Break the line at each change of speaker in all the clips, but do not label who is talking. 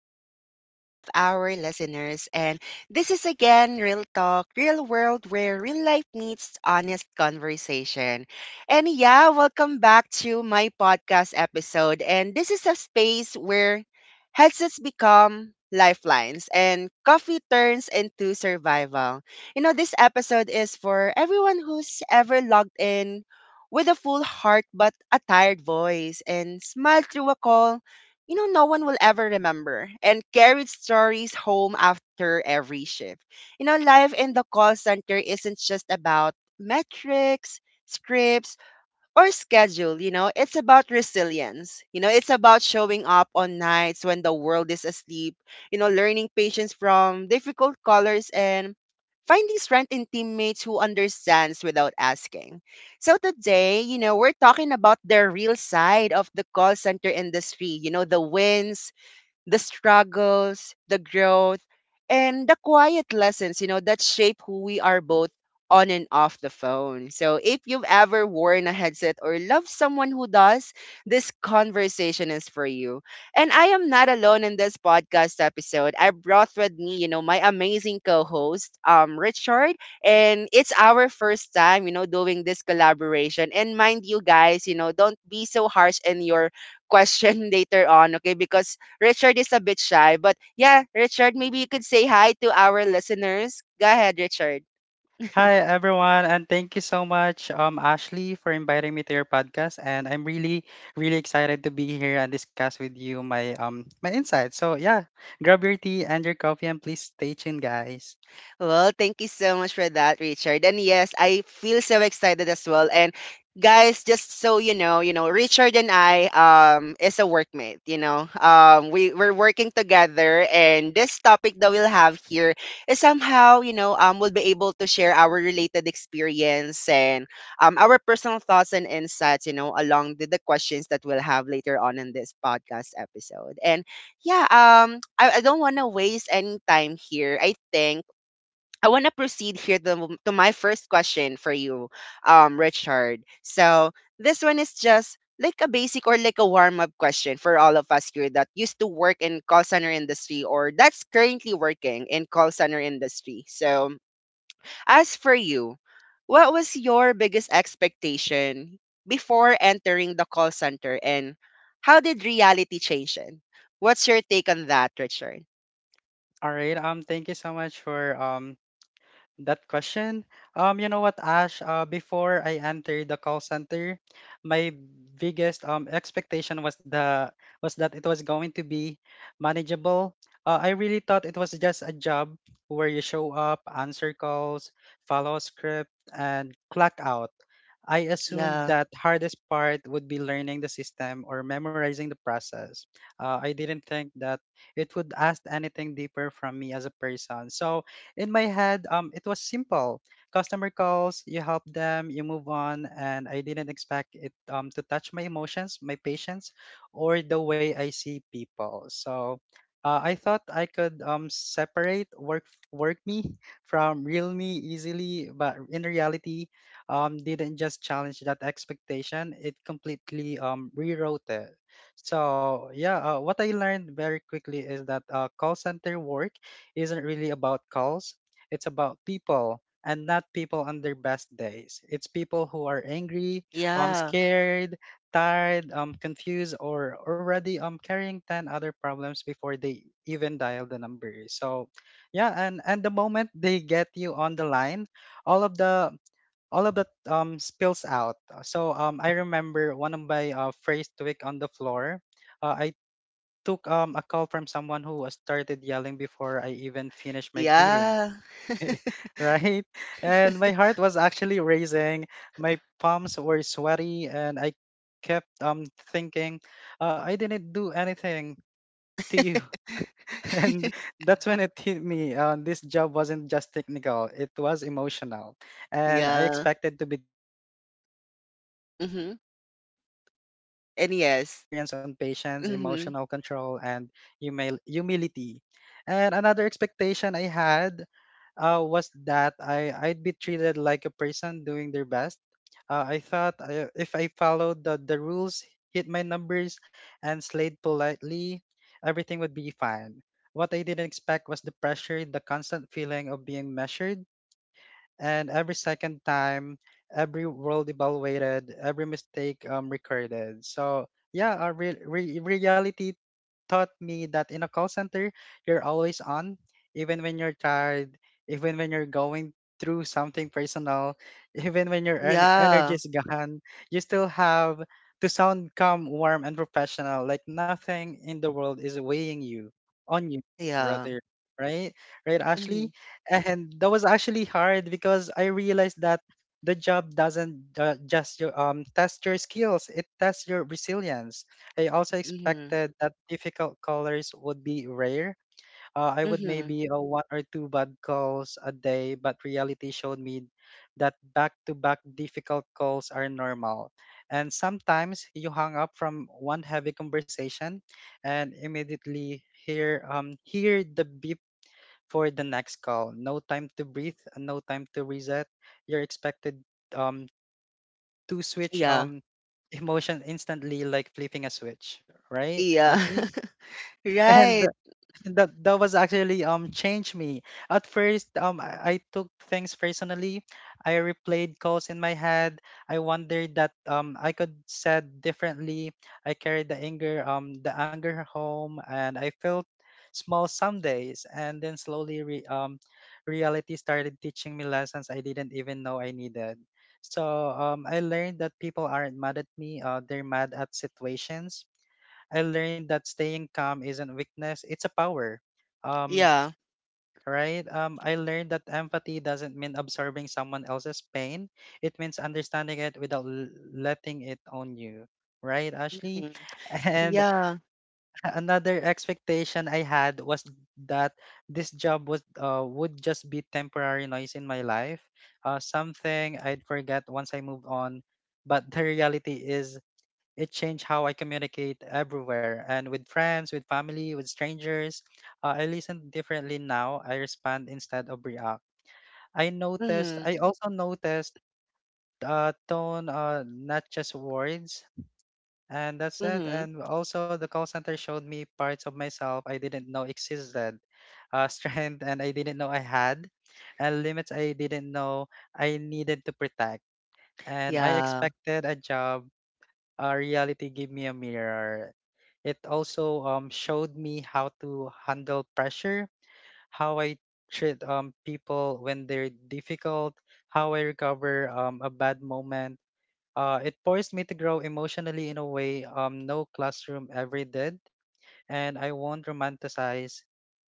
evening to all of our listeners. And this is again Real Talk, Real World, where real life meets honest conversation. And yeah, welcome back to my podcast episode. And this is a space where headsets become lifelines and coffee turns into survival. This episode is for everyone who's ever logged in with a full heart but a tired voice and smiled through a call no one will ever remember and carried stories home after every shift. Life in the call center isn't just about metrics, scripts, or schedule. It's about resilience. It's about showing up on nights when the world is asleep, learning patience from difficult colors and finding strength in teammates who understands without asking. So today, we're talking about the real side of the call center industry, the wins, the struggles, the growth, and the quiet lessons that shape who we are both on and off the phone. So if you've ever worn a headset or love someone who does, this conversation is for you. And I am not alone in this podcast episode. I brought with me, my amazing co-host, Richard. And it's our first time, doing this collaboration. And mind you guys, don't be so harsh in your question later on, okay? Because Richard is a bit shy, but yeah, Richard, maybe you could say hi to our listeners. Go ahead, Richard.
Hi everyone, and thank you so much, Ashley, for inviting me to your podcast. And I'm really excited to be here and discuss with you my insights. So yeah, grab your tea and your coffee, and please stay tuned, guys.
Well, thank you so much for that, Richard. And yes, I feel so excited as well. And guys, just so you know, Richard and I is a workmate. We're working together, and this topic that we'll have here is somehow, we'll be able to share our related experience and our personal thoughts and insights, along with the questions that we'll have later on in this podcast episode. And yeah, I don't want to waste any time here. I think I want to proceed here to, my first question for you, Richard. So this one is just like a basic or like a warm up question for all of us here that used to work in call center industry or that's currently working in call center industry. So as for you, what was your biggest expectation before entering the call center and how did reality change it? What's your take on that, Richard?
All right. Thank you so much for that question. You know what, Ash? Before I entered the call center, my biggest expectation was that it was going to be manageable. I really thought it was just a job where you show up, answer calls, follow a script, and clock out. I assumed
Yeah,
that hardest part would be learning the system or memorizing the process. I didn't think that it would ask anything deeper from me as a person. So in my head, it was simple. Customer calls, you help them, you move on, and I didn't expect it to touch my emotions, my patience, or the way I see people. So I thought I could separate work me from real me easily, but in reality, didn't just challenge that expectation. It completely rewrote it. So yeah, what I learned very quickly is that call center work isn't really about calls. It's about people and not people on their best days. It's people who are angry,
yeah,
scared, tired, confused, or already carrying ten other problems before they even dial the number. So, yeah, and the moment they get you on the line, all of the all of that spills out. So I remember one of my phrase tweak on the floor. I took a call from someone who was started yelling before I even finished my greeting.
yeah.
Right? And my heart was actually racing. My palms were sweaty, and I kept thinking, I didn't do anything to you. And that's when it hit me. This job wasn't just technical; it was emotional, and I
Yeah.
expected to be trained on systems. I
Mm-hmm.
didn't expect to be
And
trained by
yes.
experience on patience,
Mm-hmm.
emotional control, and humility. And another expectation I had was that I'd be treated like a person doing their best. I thought if I followed the rules, hit my numbers, and slayed politely, everything would be fine. What I didn't expect was the pressure, the constant feeling of being measured, and every second time, every world evaluated, every mistake recorded. So yeah, our reality taught me that in a call center, you're always on, even when you're tired, even when you're going through something personal, even when your energy
Yeah.
is gone, you still have to sound calm, warm, and professional, like nothing in the world is weighing you on you,
Yeah.
rather. Right, right,
Mm-hmm.
Ashley, and that was actually hard because I realized that the job doesn't just your, test your skills; it tests your resilience. I also
Mm-hmm.
expected that difficult colors would be rare. I would
Mm-hmm.
maybe one or two bad calls a day, but reality showed me that back-to-back difficult calls are normal. And sometimes you hung up from one heavy conversation and immediately hear the beep for the next call. No time to breathe, no time to reset. You're expected um to switch
Yeah.
emotion instantly like flipping a switch, right,
Yeah.
Ashley? And
Right.
that was actually changed me. At first, I took things personally. I replayed calls in my head. I wondered that I could said differently. I carried the anger home, and I felt small some days. And then slowly, reality started teaching me lessons I didn't even know I needed. So I learned that people aren't mad at me. They're mad at situations. I learned that staying calm isn't weakness, it's a power. Um,
Yeah.
right? I learned that empathy doesn't mean absorbing someone else's pain. It means understanding it without letting it own you. Right, Ashley?
Mm-hmm.
And
Yeah.
another expectation I had was that this job was would just be temporary noise in my life, something I'd forget once I move on. But the reality is it changed how I communicate everywhere and with friends, with family, with strangers. I listen differently now. I respond instead of react.
Mm-hmm.
I also noticed tone, not just words. And that's it.
Mm-hmm.
And also, the call center showed me parts of myself I didn't know existed, strength and I didn't know I had, and limits I didn't know I needed to protect. And I
Yeah.
expected a job, reality gave me a mirror. It also showed me how to handle pressure, how I treat people when they're difficult, how I recover a bad moment. It forced me to grow emotionally in a way no classroom ever did. And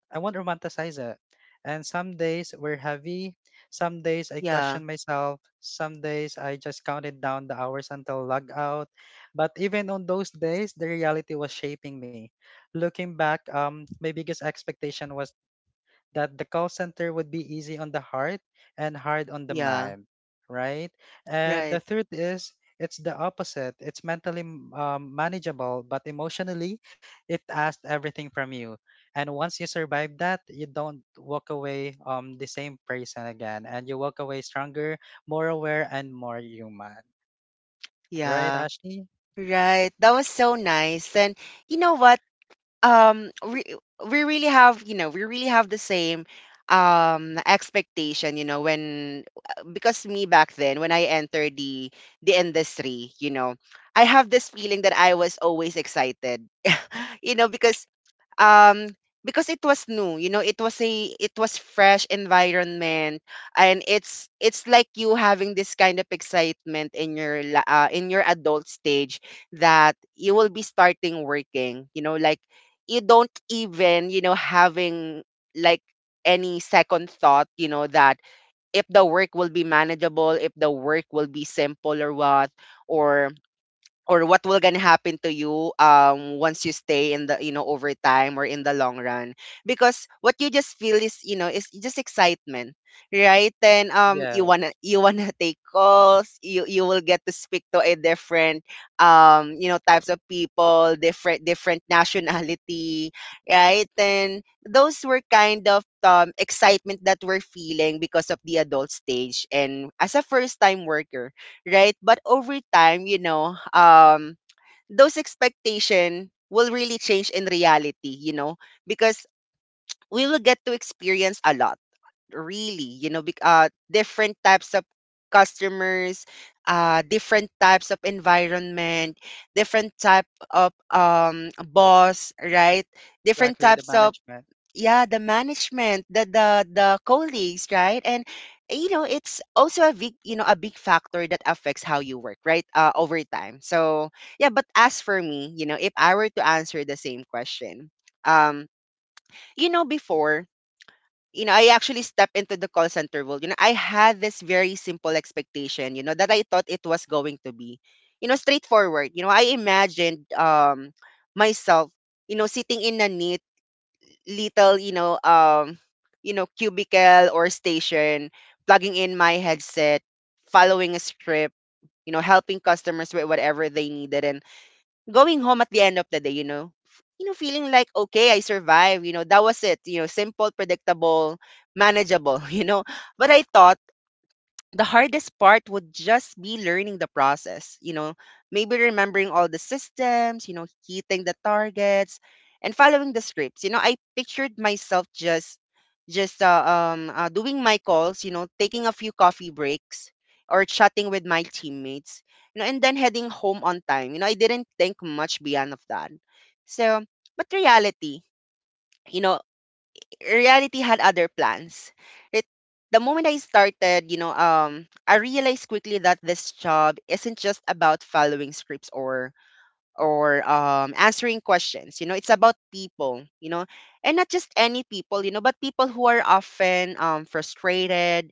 I won't romanticize it. And some days were heavy. Some days I
Yeah.
questioned myself. Some days I just counted down the hours until log out. But even on those days, the reality was shaping me. Looking back, my biggest expectation was that the call center would be easy on the heart and hard on the
Yeah.
mind, right? And the
Right.
third is it's the opposite. It's mentally manageable, but emotionally, it asks everything from you. And once you survive that, you don't walk away the same person again, and you walk away stronger, more aware, and more human, right,
Yeah.
Ashley?
Right. That was so nice. And you know what? um we, we really have the same expectation. When, because me back then when I entered the industry, I have this feeling that I was always excited, you know because um because it was new. It was a it was fresh environment, and it's like you having this kind of excitement in your adult stage, that you will be starting working. Like, you don't even, having like any second thought, that if the work will be manageable, if the work will be simple or what, or or what will gonna happen to you, once you stay in the, over time or in the long run, because what you just feel is you know is just excitement. Right? Then you
Yeah,
wanna you wanna take calls. You will get to speak to a different types of people, different nationality. Right? Then those were kind of excitement that we're feeling because of the adult stage and as a first time worker, right? But over time, those expectation will really change in reality, because we will get to experience a lot, really, different types of customers, different types of environment, different type of boss, right? Different
exactly. The
types of,
management.
yeah, the management, the colleagues, right? And it's also a big, a big factor that affects how you work, right? Over time. So yeah, but as for me, if I were to answer the same question, um before, I actually stepped into the call center world. I had this very simple expectation that I thought it was going to be straightforward. I imagined myself sitting in a neat little, cubicle or station, plugging in my headset, following a script, helping customers with whatever they needed, and going home at the end of the day, feeling like, okay, I survived. That was it. Simple, predictable, manageable. But I thought the hardest part would just be learning the process, maybe remembering all the systems, hitting the targets and following the scripts. I pictured myself just doing my calls, taking a few coffee breaks or chatting with my teammates, and then heading home on time. I didn't think much beyond of that. So, but reality, you know, reality had other plans. It, the moment I started, I realized quickly that this job isn't just about following scripts or answering questions. It's about people. And not just any people. But people who are often frustrated,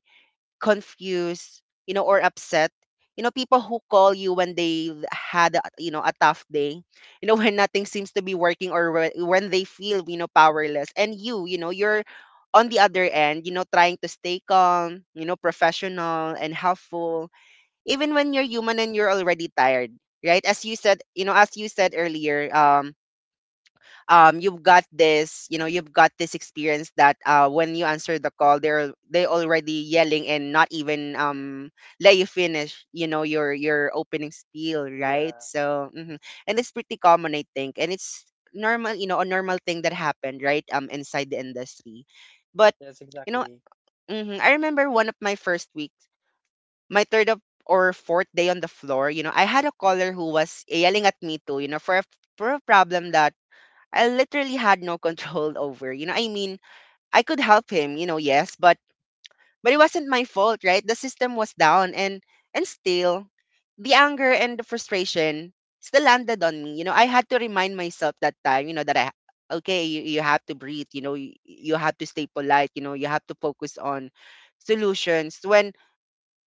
confused, or upset. People who call you when they had a tough day, when nothing seems to be working or when they feel, powerless. And you're on the other end, trying to stay calm, professional and helpful, even when you're human and you're already tired, right? As you said, as you said earlier, you've got this experience that when you answer the call, they already yelling and not even let you finish you know your opening spiel, right?
Yeah.
So mhm. And it's pretty common, I think, and it's normal, a normal thing that happened, right? Inside the industry. But
Yes,
you know
exactly.
mhm, I remember one of my first weeks, my third of or fourth day on the floor. I had a caller who was yelling at me too, for a problem that I literally had no control over. I mean, I could help him, yes, but it wasn't my fault, right? The system was down, and still the anger and the frustration still landed on me. I had to remind myself that time, that I okay, you, have to breathe, you, have to stay polite, you have to focus on solutions when,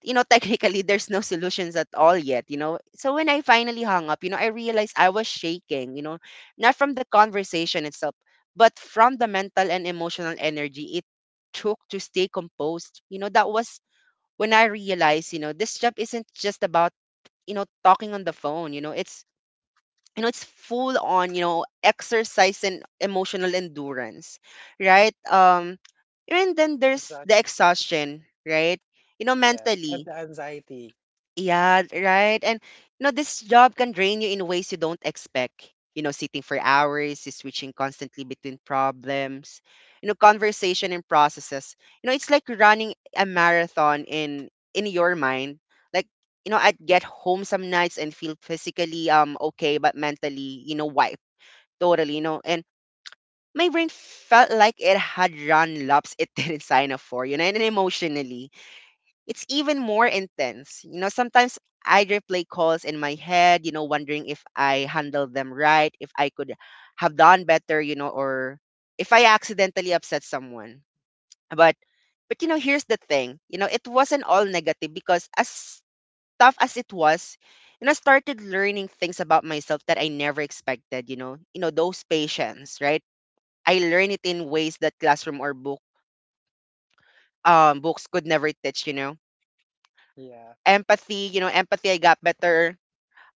technically there's no solutions at all yet. So when I finally hung up, I realized I was shaking, not from the conversation itself, but from the mental and emotional energy it took to stay composed. That was when I realized, this job isn't just about, talking on the phone. It's full on, exercise and emotional endurance, right? And then there's the
Exactly.
exhaustion, right?
Yes. And
Mentally,
the anxiety.
yeah, right. And this job can drain you in ways you don't expect. Sitting for hours, you switching constantly between problems, conversation and processes. It's like running a marathon in your mind. Like, I'd get home some nights and feel physically okay, but mentally, wiped totally. And my brain felt like it had run laps it didn't sign up for. And emotionally it's even more intense. Sometimes I replay calls in my head, wondering if I handled them right, if I could have done better, or if I accidentally upset someone. But but here's the thing. It wasn't all negative, because as tough as it was, I started learning things about myself that I never expected. Those patience, right? I learned it in ways that classroom or books could never teach.
Yeah.
Empathy, I got better,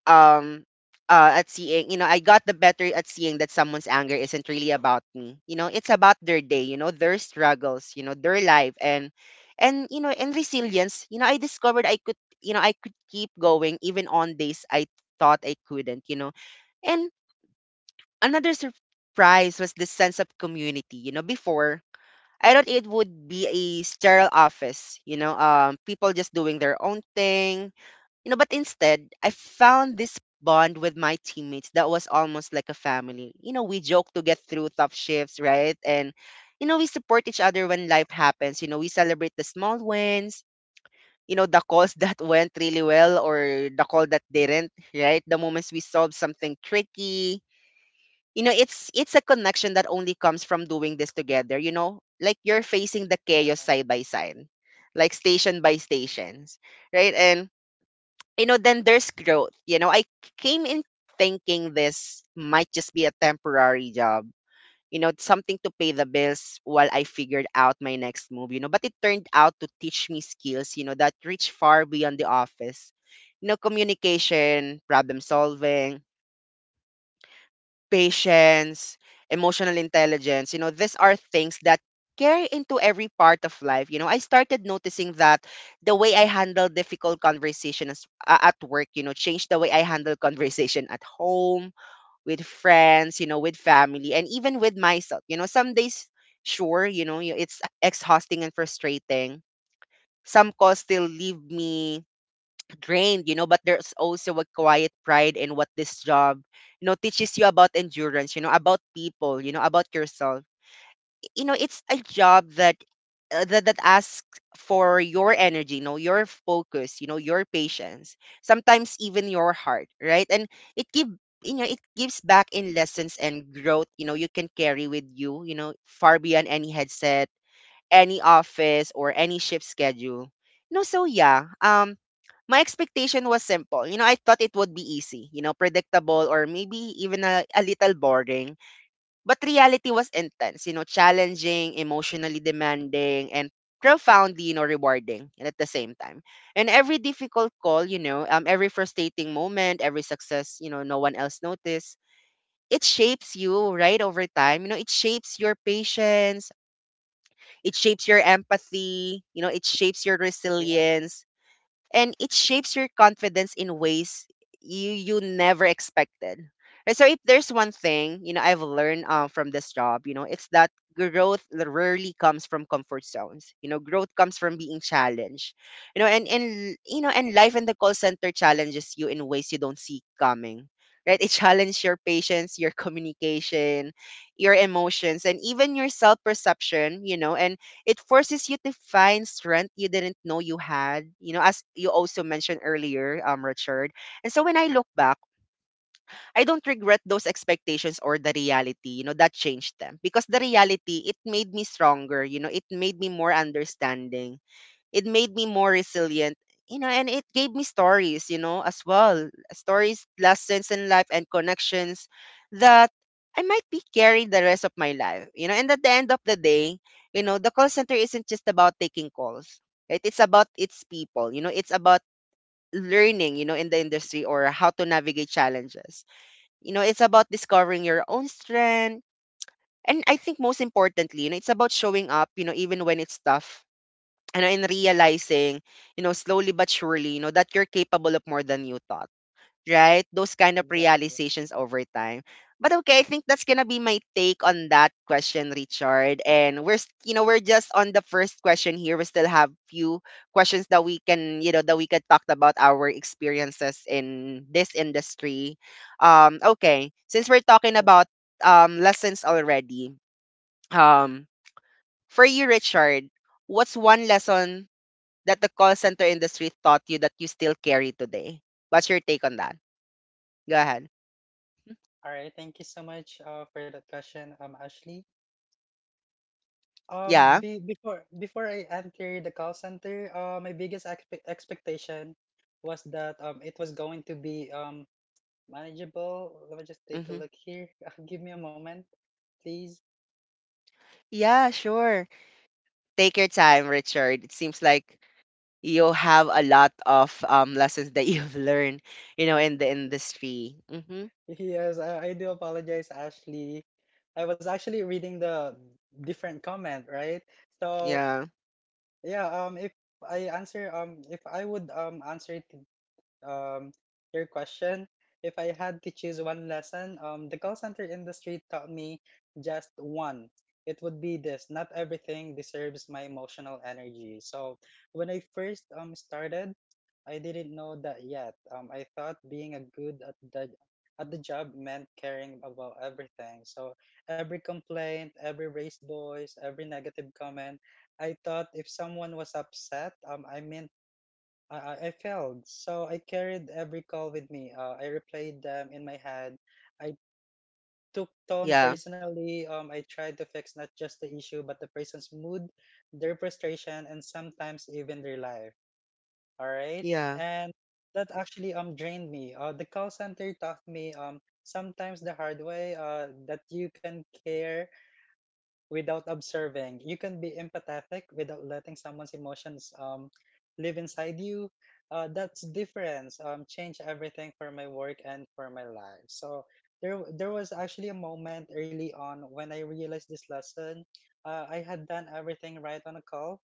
um at seeing, you know I got the better at seeing that someone's anger isn't really about me. It's about their day, their struggles, their life, and resilience. I discovered I could keep going even on days I thought I couldn't. And another surprise was the sense of community. Before I thought it would be a sterile office, people just doing their own thing, but instead, I found this bond with my teammates that was almost like a family. We joke to get through tough shifts, right? And, we support each other when life happens. We celebrate the small wins, the calls that went really well or the call that didn't, right? The moments we solved something tricky. It's a connection that only comes from doing this together. Like you're facing the chaos side by side, like station by stations, right? And then there's growth. I came in thinking this might just be a temporary job, something to pay the bills while I figured out my next move, but it turned out to teach me skills, that reach far beyond the office. Communication, problem solving, patience, emotional intelligence. These are things that carry into every part of life. I started noticing that the way I handle difficult conversations at work, changed the way I handle conversation at home, with friends, with family, and even with myself. Some days, sure, it's exhausting and frustrating. Some calls still leave me drained, but there's also a quiet pride in what this job teaches you about endurance, about people, about yourself. It's a job that that asks for your energy, your focus, your patience, sometimes even your heart, right? And it give it gives back in lessons and growth, you can carry with you you know far beyond any headset, any office or any shift schedule. No, so yeah. My expectation was simple. I thought it would be easy, predictable or maybe even a little boring. But reality was intense, challenging, emotionally demanding, and profoundly, rewarding at the same time. And every difficult call, every frustrating moment, every success, no one else noticed. It shapes you, right, over time. It shapes your patience, it shapes your empathy, it shapes your
Yeah,
resilience and it shapes your confidence in ways you never expected. And so if there's one thing, I've learned from this job, it's that growth rarely comes from comfort zones. Growth comes from being challenged. And life in the call center challenges you in ways you don't see coming. Right? It challenges your patience, your communication, your emotions, and even your self perception. It forces you to find strength you didn't know you had, as you also mentioned earlier, Richard. And so when I
yeah,
look back, I don't regret those expectations or the reality, that changed them because the reality, it made me stronger, it made me more understanding, it made me more resilient, and it gave me stories, as well, stories, lessons in life and connections that I might be carrying the rest of my life. And at the end of the day, the call center isn't just about taking calls, right? It's about its people. It's about learning in the industry or how to navigate challenges. It's about discovering your own strength, and I think most importantly, it's about showing up, even when it's tough. And in realizing, slowly but surely, that you're capable of more than you thought, right? Those kind of
exactly.
realizations over time. But okay, I think that's gonna be my take on that question, Richard. And we're, s- you know, we're just on the first question here. We still have few questions that we can talk about our experiences in this industry. Okay, since we're talking
Yeah.
about lessons already, um, for you, Richard, what's one lesson that the call center industry taught you that you still carry today? What's your take on that? Go ahead.
All right, thank you so much for that question, Ashley.
Yeah.
Be, before before I enter the call center, my biggest expectation was that it was going to be manageable. Let me just take a
Hmm.
look here. Give me a moment, please.
Yeah, sure. Take your time, Richard. It seems like you have a lot of lessons that you've learned, in the industry. Hmm.
Yes, I do apologize, Ashley. I was actually reading the different comment, right? So
Yeah.
yeah, if I answer if I would answer it um, your question. If I had to choose one lesson, the call center industry taught me just one. It would be this: not everything deserves my emotional energy. So when I first started, I didn't know that yet. I thought being a good at the job meant caring about everything. So every complaint, every raised voice, every negative comment. I thought if someone was upset, I failed, so I carried every call with me. I replayed them in my head. I took tone
Yeah.
personally. I tried to fix not just the issue, but the person's mood, their frustration, and sometimes even their life. All right,
Yeah.
and that actually drained me. The call center taught me sometimes the hard way. That you can care without observing. You can be empathetic without letting someone's emotions live inside you. That's difference. Change everything for my work and for my life. So there was actually a moment early on when I realized this lesson. I had done everything right on a call,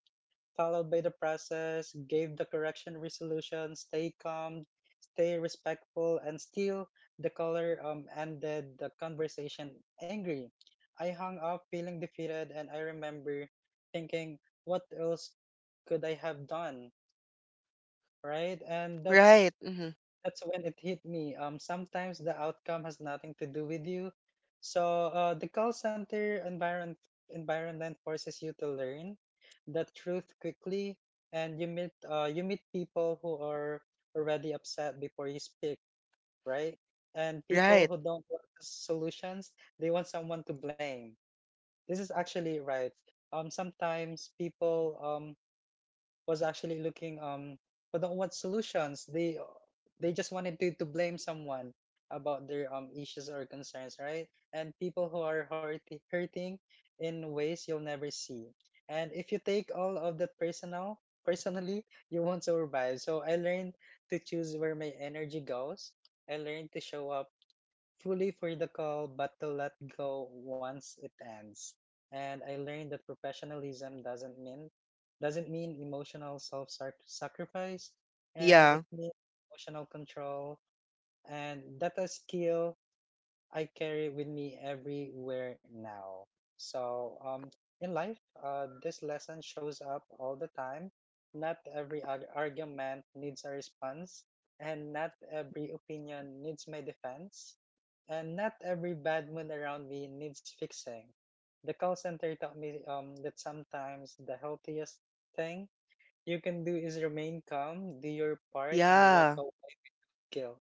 followed by the process, gave the correction resolution, stay calm, stay respectful, and still the caller ended the conversation angry. I hung up feeling defeated, and I remember thinking, what else could I have done? Right? And that's
Right. Hmm.
that's when it hit me. Sometimes the outcome has nothing to do with you. So, the call center environment forces you to learn the truth quickly, and you meet people who are already upset before you speak, right? And people
Right.
who don't want solutions, they want someone to blame. This is actually right. Sometimes people was actually looking for the what solutions they just wanted to blame someone about their issues or concerns, right? And people who are hurting in ways you'll never see, and if you take all of the personal personally you won't survive. So I learned to choose where my energy goes. I learned to show up fully for the call but to let go once it ends. And I learned that professionalism doesn't mean emotional self sacrifice, and
Yeah.
it means emotional control, and that's a skill I carry it with me everywhere now. So, in life, this lesson shows up all the time. Not every argument needs a response, and not every opinion needs my defense, and not every bad mood around me needs fixing. The call center taught me that sometimes the healthiest thing you can do is remain calm, do your part, and walk
Yeah.
away with guilt.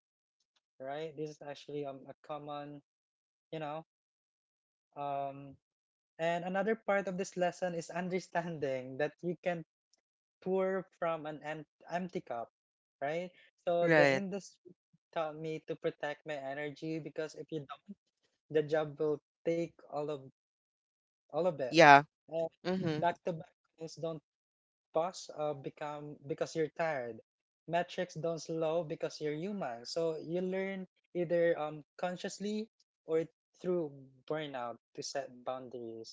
Right? This is actually a common, you know, um, and another part of this lesson is understanding that you can pour from an empty cup, right? So the
Right.
industry taught me to protect my energy because if you don't, the job will take all of it.
Yeah.
And
Hmm.
back-to-back calls don't pause become because you're tired. Metrics don't slow because you're human. So you learn either consciously or through burnout to set boundaries,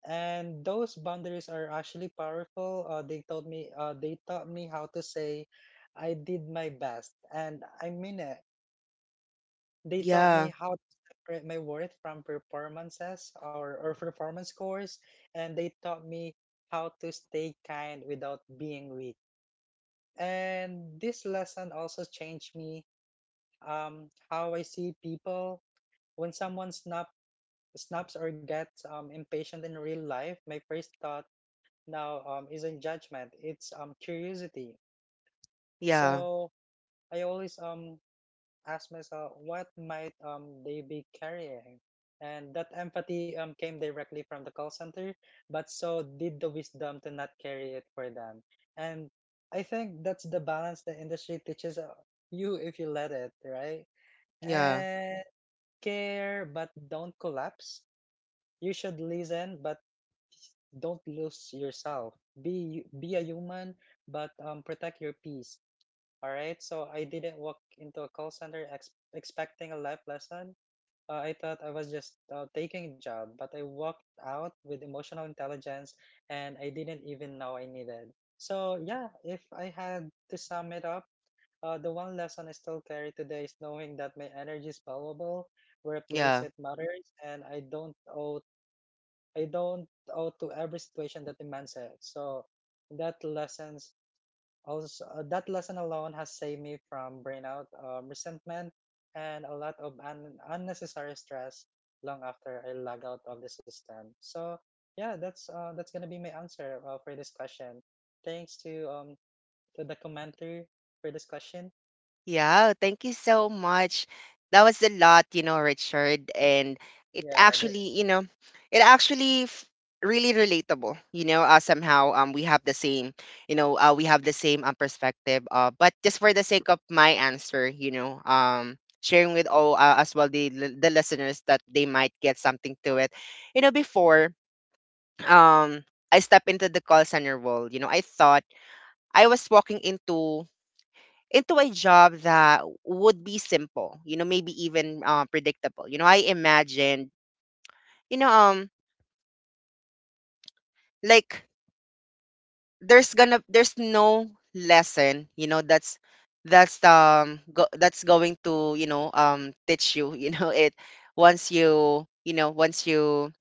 and those boundaries are actually powerful. They told me they taught me how to say I did my best and I mean it. They taught me
Yeah.
how to separate my worth from performances or performance scores, and they taught me how to stay kind without being weak. And this lesson also changed me, how I see people. When someone snaps or gets impatient in real life, my first thought now isn't judgment, it's curiosity.
Yeah.
So I always ask myself, what might they be carrying? And that empathy came directly from the call center, but so did the wisdom to not carry it for them. And I think that's the balance the industry teaches you, if you let it, right?
Yeah. Yeah.
And care, but don't collapse. You should listen, but don't lose yourself. Be a human, but protect your peace. All right, so I didn't walk into a call center expecting a life lesson. I thought I was just taking a job, but I walked out with emotional intelligence, and I didn't even know I needed. So yeah, if I had to sum it up, the one lesson I still carry today is knowing that my energy is valuable, where I place
Yeah.
it matters, and I don't owe to every situation that demands it. So that lessons that lesson alone has saved me from burnout, resentment, and a lot of unnecessary stress long after I log out of the system. So yeah, that's gonna be my answer for this question. Thanks to the commenter for this question.
Yeah, thank you so much. That was a lot, Richard, and it
Yeah, the-
actually, it actually f- really relatable. Somehow we have the same, perspective. But just for the sake of my answer, sharing with all as well, the the listeners that they might get something to it. You know, before um I step into the call center world, I thought I was walking into a job that would be simple, maybe even predictable. I imagined, you know, um, like there's no lesson, that's going to teach you, it, once you you know once you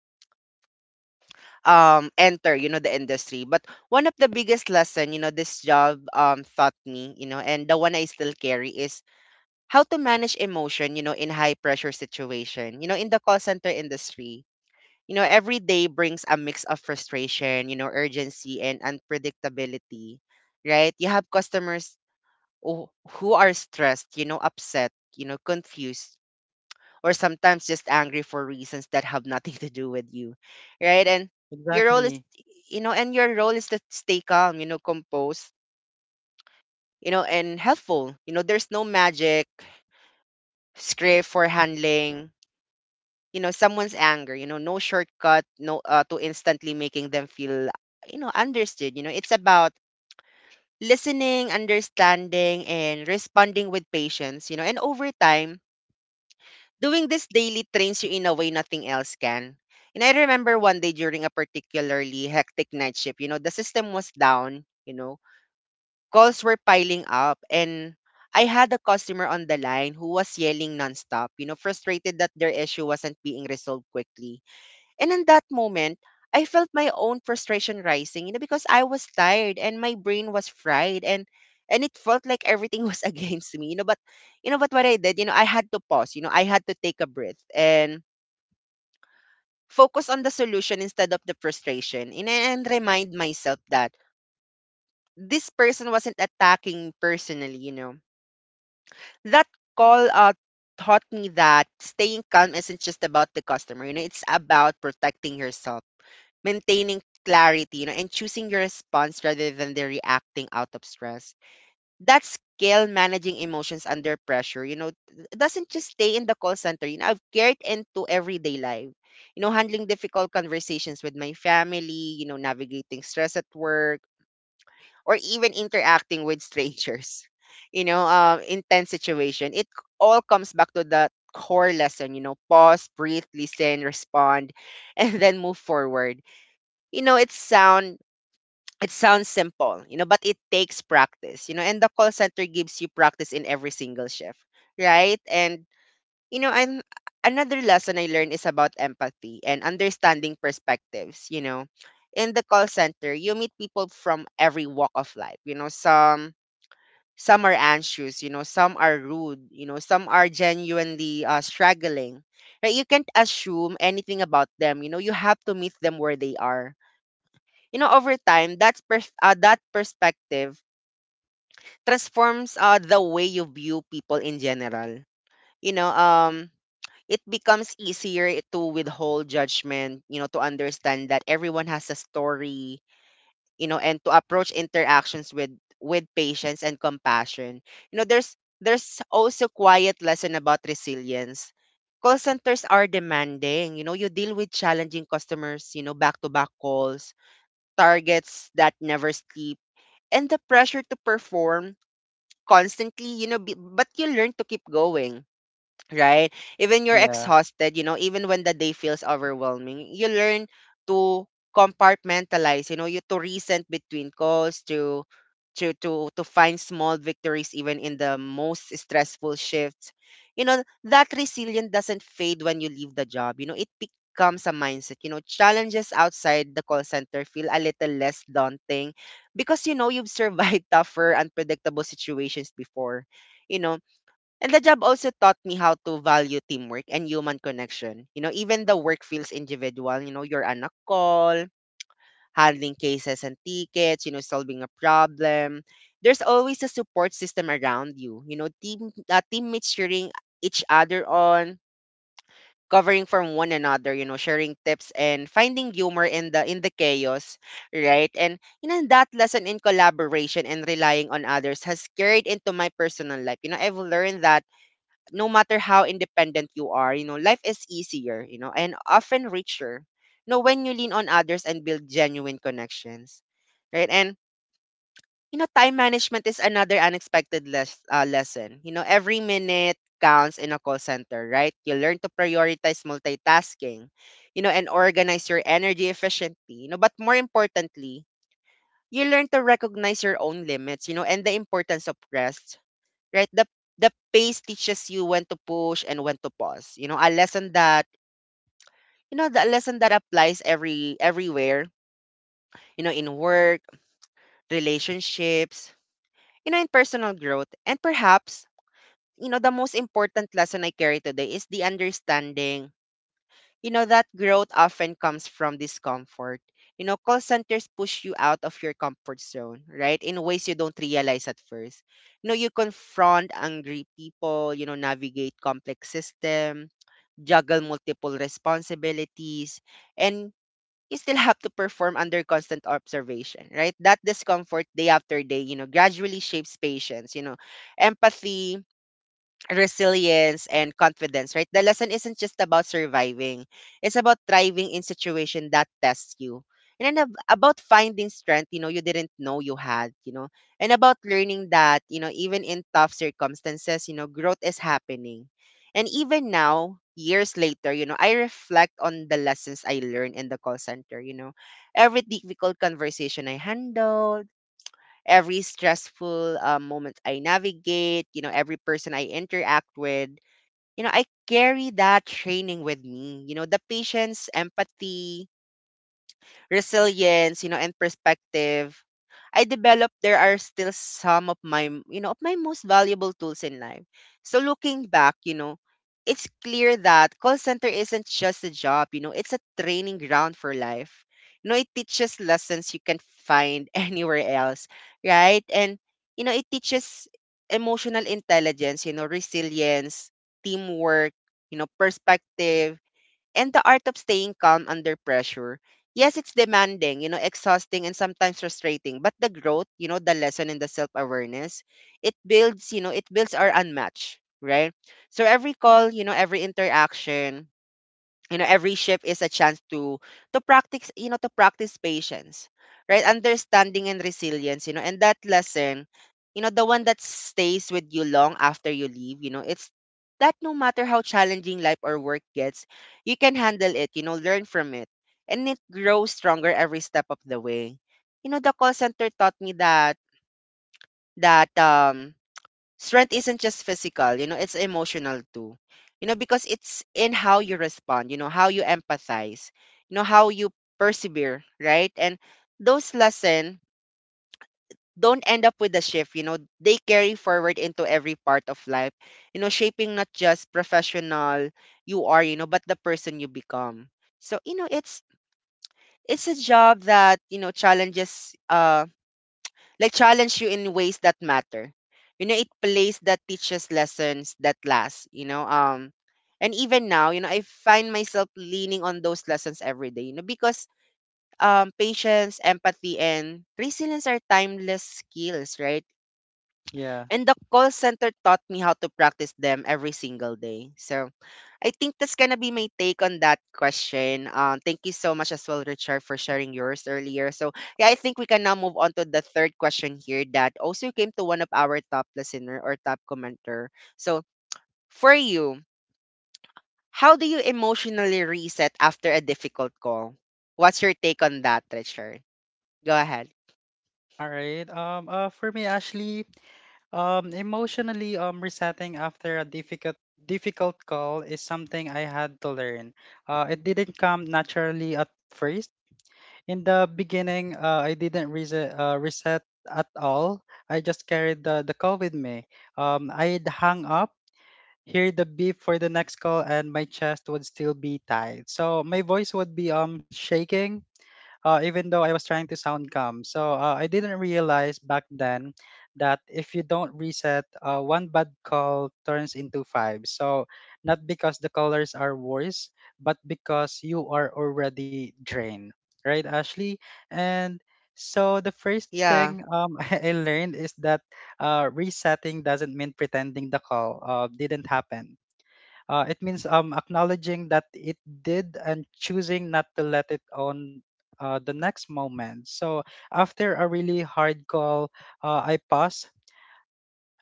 um enter the industry. But one of the biggest lesson, this job taught me, and the one I still carry is how to manage emotion, in high pressure situation. In the call center industry, every day brings a mix of frustration, urgency and unpredictability, right? You have customers who who are stressed, upset, confused, or sometimes just angry for reasons that have nothing to do with you, right? And your role is,
Exactly.
you know, and your role is to stay calm, composed, and helpful. There's no magic script for handling someone's anger, no shortcut, no, to instantly making them feel understood. It's about listening, understanding and responding with patience. And over time, doing this daily trains you in a way nothing else can. And I remember one day during a particularly hectic night shift. The system was down, calls were piling up, and I had a customer on the line who was yelling nonstop, frustrated that their issue wasn't being resolved quickly, and in that moment, I felt my own frustration rising, because I was tired and my brain was fried, and it felt like everything was against me. But what I did, I had to pause, I had to take a breath and focus on the solution instead of the frustration, and remind myself that this person wasn't attacking personally. That call taught me that staying calm isn't just about the customer, it's about protecting yourself, maintaining clarity, and choosing your response rather than the reacting out of stress. That skill, managing emotions under pressure, doesn't just stay in the call center. I've carried into everyday life. Handling difficult conversations with my family, navigating stress at work, or even interacting with strangers. Intense situation. It all comes back to that core lesson, you know, pause, breathe, listen, respond, and then move forward. you know it sound it sounds simple, you know, but it takes practice, you know, and the call center gives you practice in every single shift, right? and you know and Another lesson I learned is about empathy and understanding perspectives, you know, in the call center. You meet people from every walk of life, you know. Some are anxious, you know, some are rude, you know, some are genuinely struggling, right? You can't assume anything about them, you know, you have to meet them where they are. You know, over time, that perspective transforms the way you view people in general. you know um it becomes easier to withhold judgment, you know, to understand that everyone has a story, you know, and to approach interactions with patience and compassion. You know, there's also quiet lesson about resilience. Call centers are demanding. You know, you deal with challenging customers, you know, back to back calls, targets that never sleep, and the pressure to perform constantly, you know, but you learn to keep going, right? Even you're
Yeah.
exhausted, you know, even when the day feels overwhelming, you learn to compartmentalize, you know, you to resent between calls, to to find small victories even in the most stressful shifts. You know, that resilience doesn't fade when you leave the job. You know, it becomes a mindset. You know, challenges outside the call center feel a little less daunting because, you know, you've survived tougher, unpredictable situations before. You know, and the job also taught me how to value teamwork and human connection. You know, even the work feels individual. You know, you're on a call, handling cases and tickets, you know, solving a problem. There's always a support system around you. You know, teammates cheering each other on, covering from one another, you know, sharing tips and finding humor in the chaos, right? And you know, that lesson in collaboration and relying on others has carried into my personal life. You know, I've learned that no matter how independent you are, you know, life is easier, you know, and often richer. You know, when you lean on others and build genuine connections, right? And you know, time management is another unexpected lesson. You know, every minute counts in a call center, right? You learn to prioritize multitasking, you know, and organize your energy efficiently. You know, but more importantly, you learn to recognize your own limits, you know, and the importance of rest, right? The pace teaches you when to push and when to pause. You know, the lesson that applies everywhere, you know, in work, relationships, you know, in personal growth. And perhaps, you know, the most important lesson I carry today is the understanding, you know, that growth often comes from discomfort. You know, call centers push you out of your comfort zone, right? In ways you don't realize at first. You know, you confront angry people, you know, navigate complex system, juggle multiple responsibilities, and you still have to perform under constant observation, right? That discomfort day after day, you know, gradually shapes patience, you know, empathy, resilience and confidence, right? The lesson isn't just about surviving. It's about thriving in situation that tests you. And then about finding strength, you know, you didn't know you had, you know, and about learning that, you know, even in tough circumstances, you know, growth is happening. And even now, years later, you know, I reflect on the lessons I learned in the call center, you know, every difficult conversation I handled, every stressful moment I navigate, you know, every person I interact with, you know, I carry that training with me. You know, the patience, empathy, resilience, you know, and perspective, I developed there are still some of my, you know, of my most valuable tools in life. So looking back, you know, it's clear that call center isn't just a job, you know, it's a training ground for life. You know, it teaches lessons you can find anywhere else, right? And you know, it teaches emotional intelligence, you know, resilience, teamwork, you know, perspective, and the art of staying calm under pressure. Yes, it's demanding, you know, exhausting and sometimes frustrating, but the growth, you know, the lesson and the self-awareness, it builds, you know, it builds our unmatched, right? So every call, you know, every interaction, you know, every shift is a chance to practice, you know, to practice patience, right, understanding and resilience. You know, and that lesson, you know, the one that stays with you long after you leave, you know, it's that no matter how challenging life or work gets, you can handle it, you know, learn from it, and it grows stronger every step of the way. You know, the call center taught me that that um strength isn't just physical, you know, it's emotional too. You know, because it's in how you respond, you know, how you empathize, you know, how you persevere, right? And those lessons don't end up with a shift, you know, they carry forward into every part of life, you know, shaping not just professional you are, you know, but the person you become. So, you know, it's a job that, you know, challenge you in ways that matter. You know, it plays that teaches lessons that last, you know. And even now, you know, I find myself leaning on those lessons every day, you know, because patience, empathy and resilience are timeless skills, right?
Yeah.
And the call center taught me how to practice them every single day. So I think that's gonna be my take on that question. Thank you so much as well, Richard, for sharing yours earlier. So yeah, I think we can now move on to the third question here that also came to one of our top listener or top commenter. So for you, how do you emotionally reset after a difficult call? What's your take on that, Richard? Go ahead.
All right. For me, Ashley. Emotionally resetting after a difficult call is something I had to learn. It didn't come naturally at first. In the beginning, I didn't reset at all. I just carried the call with me. I'd hung up, hear the beep for the next call, and my chest would still be tight. So my voice would be shaking, even though I was trying to sound calm. So I didn't realize back then that if you don't reset, one bad call turns into five. So not because the colors are worse, but because you are already drained, right, Ashley? And so the first
Yeah,
thing I learned is that resetting doesn't mean pretending the call didn't happen. It means acknowledging that it did and choosing not to let it on the next moment. So after a really hard call, I pause.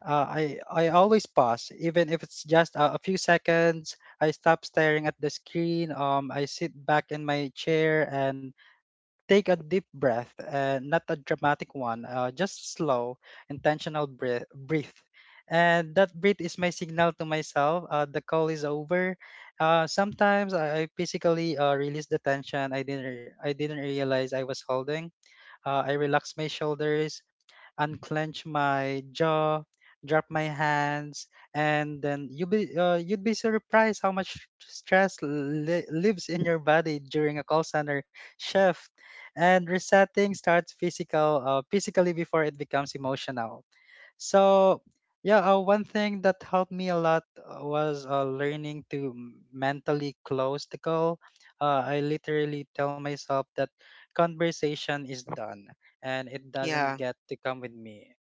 Uh, I always pause, even if it's just a few seconds. I stop staring at the screen. I sit back in my chair and take a deep breath, not a dramatic one, just slow, intentional breath. Breathe. And that breath is my signal to myself: the call is over. Sometimes I physically release the tension I didn't, re- I didn't realize I was holding. I relax my shoulders, unclench my jaw, drop my hands, and then you'd be surprised how much stress lives in your body during a call center shift. And resetting starts physically before it becomes emotional. So yeah, one thing that helped me a lot was learning to mentally close the call. I literally tell myself that conversation is done and it doesn't
yeah,
get to come with me.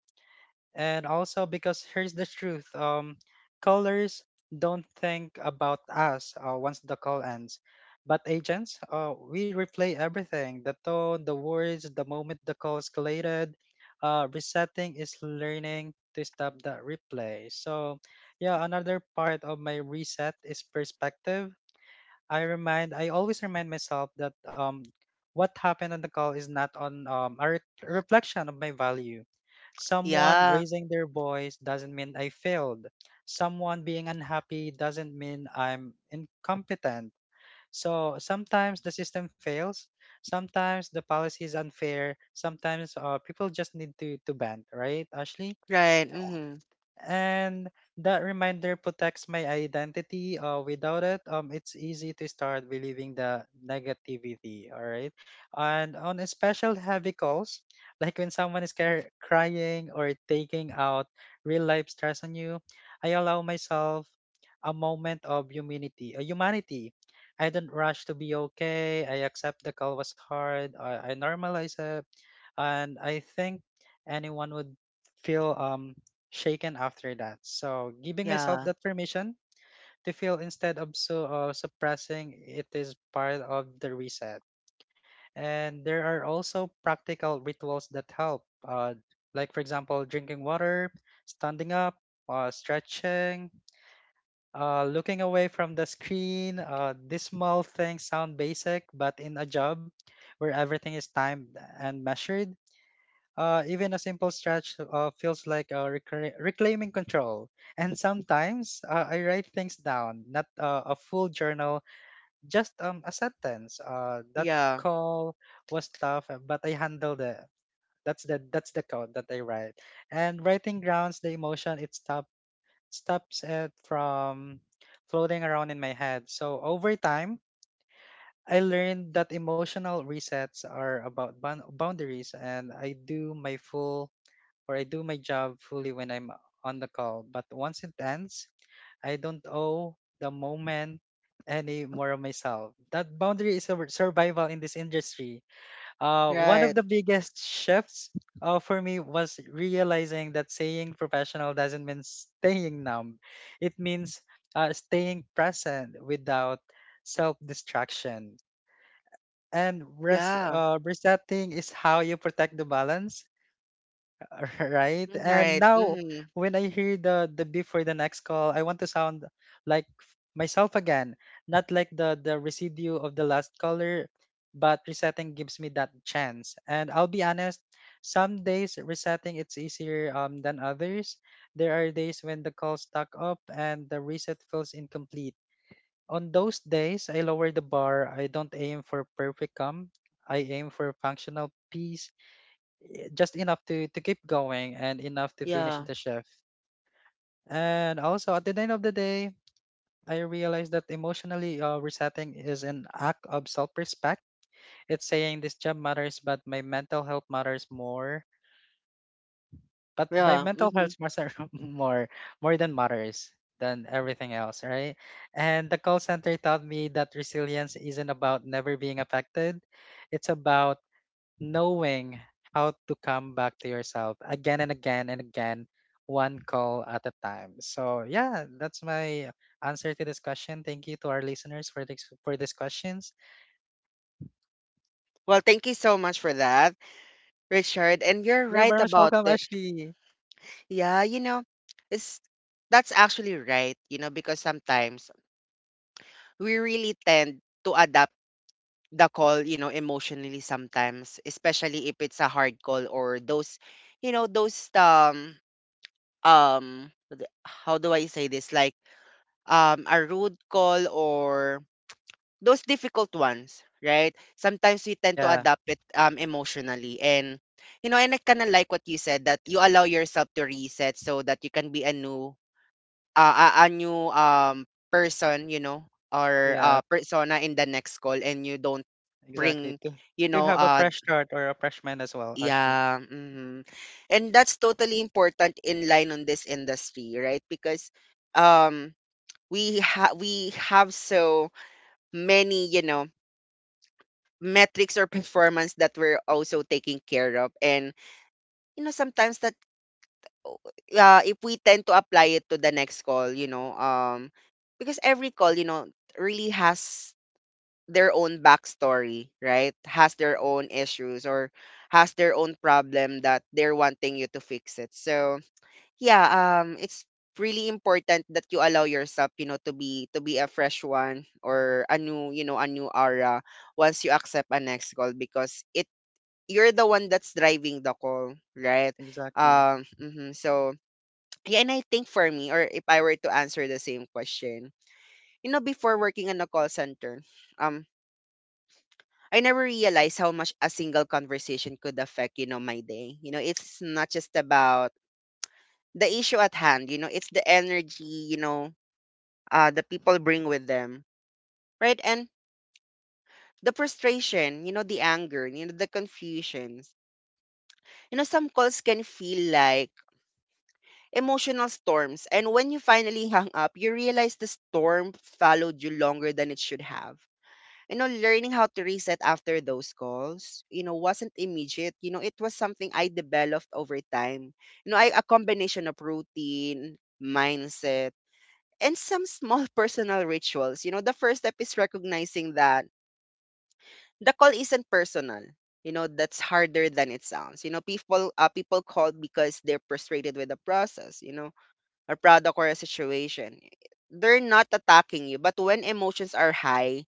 And also, because here's the truth: callers don't think about us once the call ends, but agents, we replay everything, the tone, the words, the moment the call escalated. Resetting is learning to stop that replay. So yeah, another part of my reset is perspective. I always remind myself that what happened on the call is not on a re- reflection of my value. Someone
yeah.
raising their voice doesn't mean I failed. Someone being unhappy doesn't mean I'm incompetent. So sometimes the system fails. Sometimes the policy is unfair. Sometimes people just need to bend, right, Ashley?
Right. Mm-hmm.
And that reminder protects my identity. Without it, it's easy to start believing the negativity. All right. And on a special heavy calls, like when someone is crying or taking out real life stress on you, I allow myself a moment of humanity. I don't rush to be okay. I accept the call was hard. I normalize it, and I think anyone would feel shaken after that. So giving myself
Yeah,
that permission to feel instead of suppressing it is part of the reset. And there are also practical rituals that help, like for example, drinking water, standing up, stretching. Looking away from the screen, these small things sound basic, but in a job where everything is timed and measured, even a simple stretch feels like reclaiming control. And sometimes I write things down, not a full journal, just a sentence. That
yeah.
call was tough, but I handled it. That's the code that I write. And writing grounds the emotion. It stops it from floating around in my head. So over time, I learned that emotional resets are about boundaries, and I do my job fully when I'm on the call. But once it ends, I don't owe the moment any more of myself. That boundary is survival in this industry. One of
Right.
the biggest shifts for me was realizing that saying professional doesn't mean staying numb. It means staying present without self distraction. And
Yeah.
resetting is how you protect the balance. Right.
Mm,
And
right.
now
Hmm.
when I hear the beep for the next call, I want to sound like myself again, not like the residue of the last caller, but resetting gives me that chance. And I'll be honest, some days resetting it's easier than others. There are days when the call stuck up and the reset feels incomplete. On those days, I lower the bar. I don't aim for perfect come. I aim for functional peace, just enough to keep going and enough to finish
Yeah.
the shift. And also at the end of the day, I realized that emotionally resetting is an act of self-respect. It's saying this job matters, but my mental health matters more. But my
Yeah.
mental
Hmm.
health matters more more than matters than everything else, right? And the call center taught me that resilience isn't about never being affected. It's about knowing how to come back to yourself again and again and again, one call at a time. So yeah, that's my answer to this question. Thank you to our listeners for this for these questions.
Well, thank you so much for that, Richard. And you're
You're
right
very much
about
welcome,
it.
Ashley.
Yeah, you know, it's that's actually right, you know, because sometimes we really tend to adapt the call, you know, emotionally sometimes, especially if it's a hard call or those, you know, those what how do I say this? Like a rude call or those difficult ones, right? Sometimes we tend to
Yeah,
adapt it emotionally. And, you know, and I kind of like what you said that you allow yourself to reset so that you can be a new a new person, you know, or
yeah,
persona in the next call, and you don't
exactly.
bring, you
To
know,
have a fresh start or a fresh mind as well, Ashley.
yeah, mhm. And that's totally important in line on this industry, right? Because um we have so many, you know, metrics or performance that we're also taking care of. And you know sometimes that oh, if we tend to apply it to the next call, you know, because every call, you know, really has their own backstory, right, has their own issues or has their own problem that they're wanting you to fix it. So yeah, it's really important that you allow yourself, you know, to be a fresh one or a new, you know, a new aura once you accept a next call, because it you're the one that's driving the call, right?
Exactly.
Mhm. So yeah, and I think for me, or if I were to answer the same question, you know, before working in a call center, um, I never realized how much a single conversation could affect, you know, my day. You know, it's not just about the issue at hand. You know, it's the energy. You know, the people bring with them, right? And the frustration, you know, the anger, you know, the confusions. You know, some calls can feel like emotional storms. And when you finally hung up, you realize the storm followed you longer than it should have. You know, learning how to reset after those calls, you know, wasn't immediate. You know, it was something I developed over time. You know, I, a combination of routine, mindset, and some small personal rituals. You know, the first step is recognizing that the call isn't personal. You know, that's harder than it sounds. You know, people call because they're frustrated with the process. You know, or product or a situation. They're not attacking you, but when emotions are high,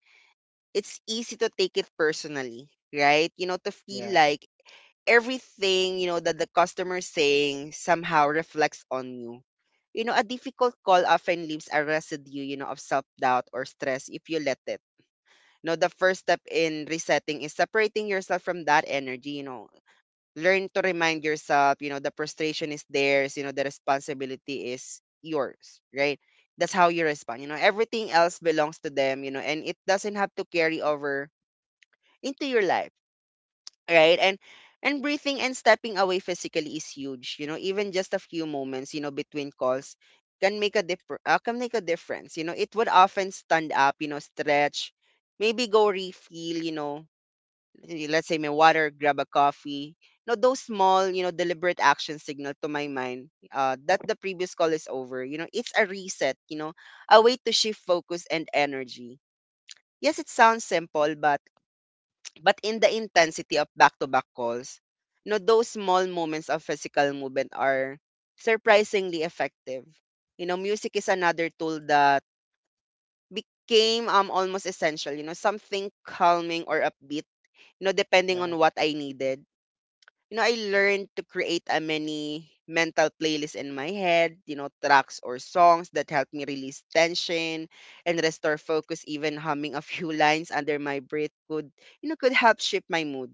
it's easy to take it personally, right? You know, to feel
Yeah,
like everything, you know, that the customer is saying somehow reflects on you. You know, a difficult call often leaves a residue, you know, of self-doubt or stress if you let it. You know, the first step in resetting is separating yourself from that energy, you know, learn to remind yourself, you know, the frustration is theirs, you know, the responsibility is yours, right? That's how you respond. You know, everything else belongs to them, you know, and it doesn't have to carry over into your life, right? And breathing and stepping away physically is huge. You know, even just a few moments, you know, between calls can make a differ. Can make a difference. You know, it would often stand up, you know, stretch, maybe go refill, you know, let's say my water, grab a coffee. No, those small, deliberate action signal to my mind that the previous call is over. It's a reset. A way to shift focus and energy. Yes, it sounds simple, but in the intensity of back-to-back calls, those small moments of physical movement are surprisingly effective. Music is another tool that became almost essential. Something calming or upbeat. Depending
yeah,
on what I needed. I learned to create a mini mental playlist in my head, tracks or songs that help me release tension and restore focus. Even humming a few lines under my breath could, could help shape my mood.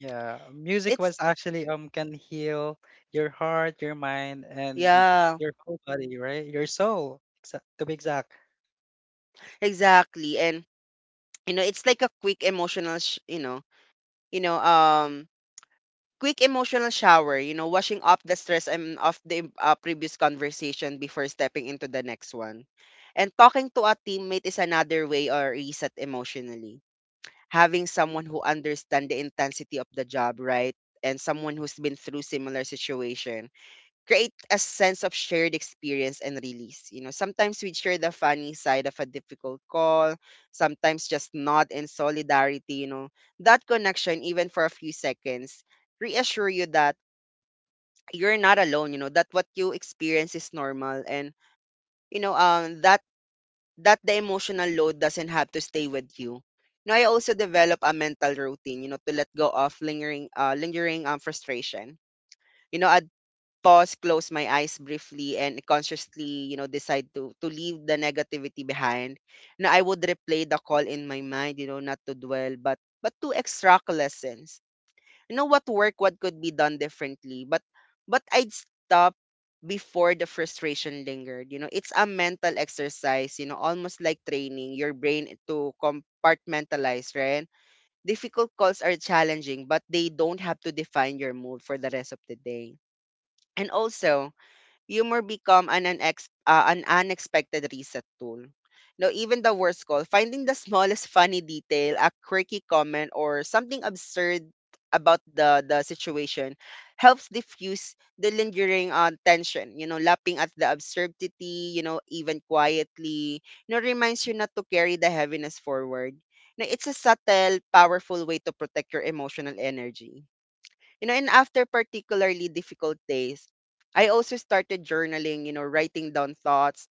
yeah. Music was
It's,
actually can heal your heart, your mind, and
yeah,
your whole body, right? Your soul, to be exact.
exactly. And, it's like a quick emotional, you know, um, quick emotional shower, washing off the stress and off the previous conversation before stepping into the next one. And talking to a teammate is another way or reset emotionally. Having someone who understands the intensity of the job, right? And someone who's been through similar situation create a sense of shared experience and release. Sometimes we'd share the funny side of a difficult call, sometimes just nod in solidarity. That connection, even for a few seconds, reassure you that you're not alone, that what you experience is normal, and you know, um that that the emotional load doesn't have to stay with you. Now I also develop a mental routine, to let go of lingering frustration. A pause, close my eyes briefly, and consciously, decide to leave the negativity behind. Now I would replay the call in my mind, not to dwell, but to extract lessons. You know what work, what could be done differently. But I'd stop before the frustration lingered. It's a mental exercise, almost like training your brain to compartmentalize, right? Difficult calls are challenging, but they don't have to define your mood for the rest of the day. And also, humor become an, an unexpected reset tool. Now, even the worst call, finding the smallest funny detail, a quirky comment, or something absurd about the situation helps diffuse the lingering tension. Lapping at the absurdity, even quietly, reminds you not to carry the heaviness forward. Now, it's a subtle, powerful way to protect your emotional energy. And after particularly difficult days, I also started journaling, writing down thoughts,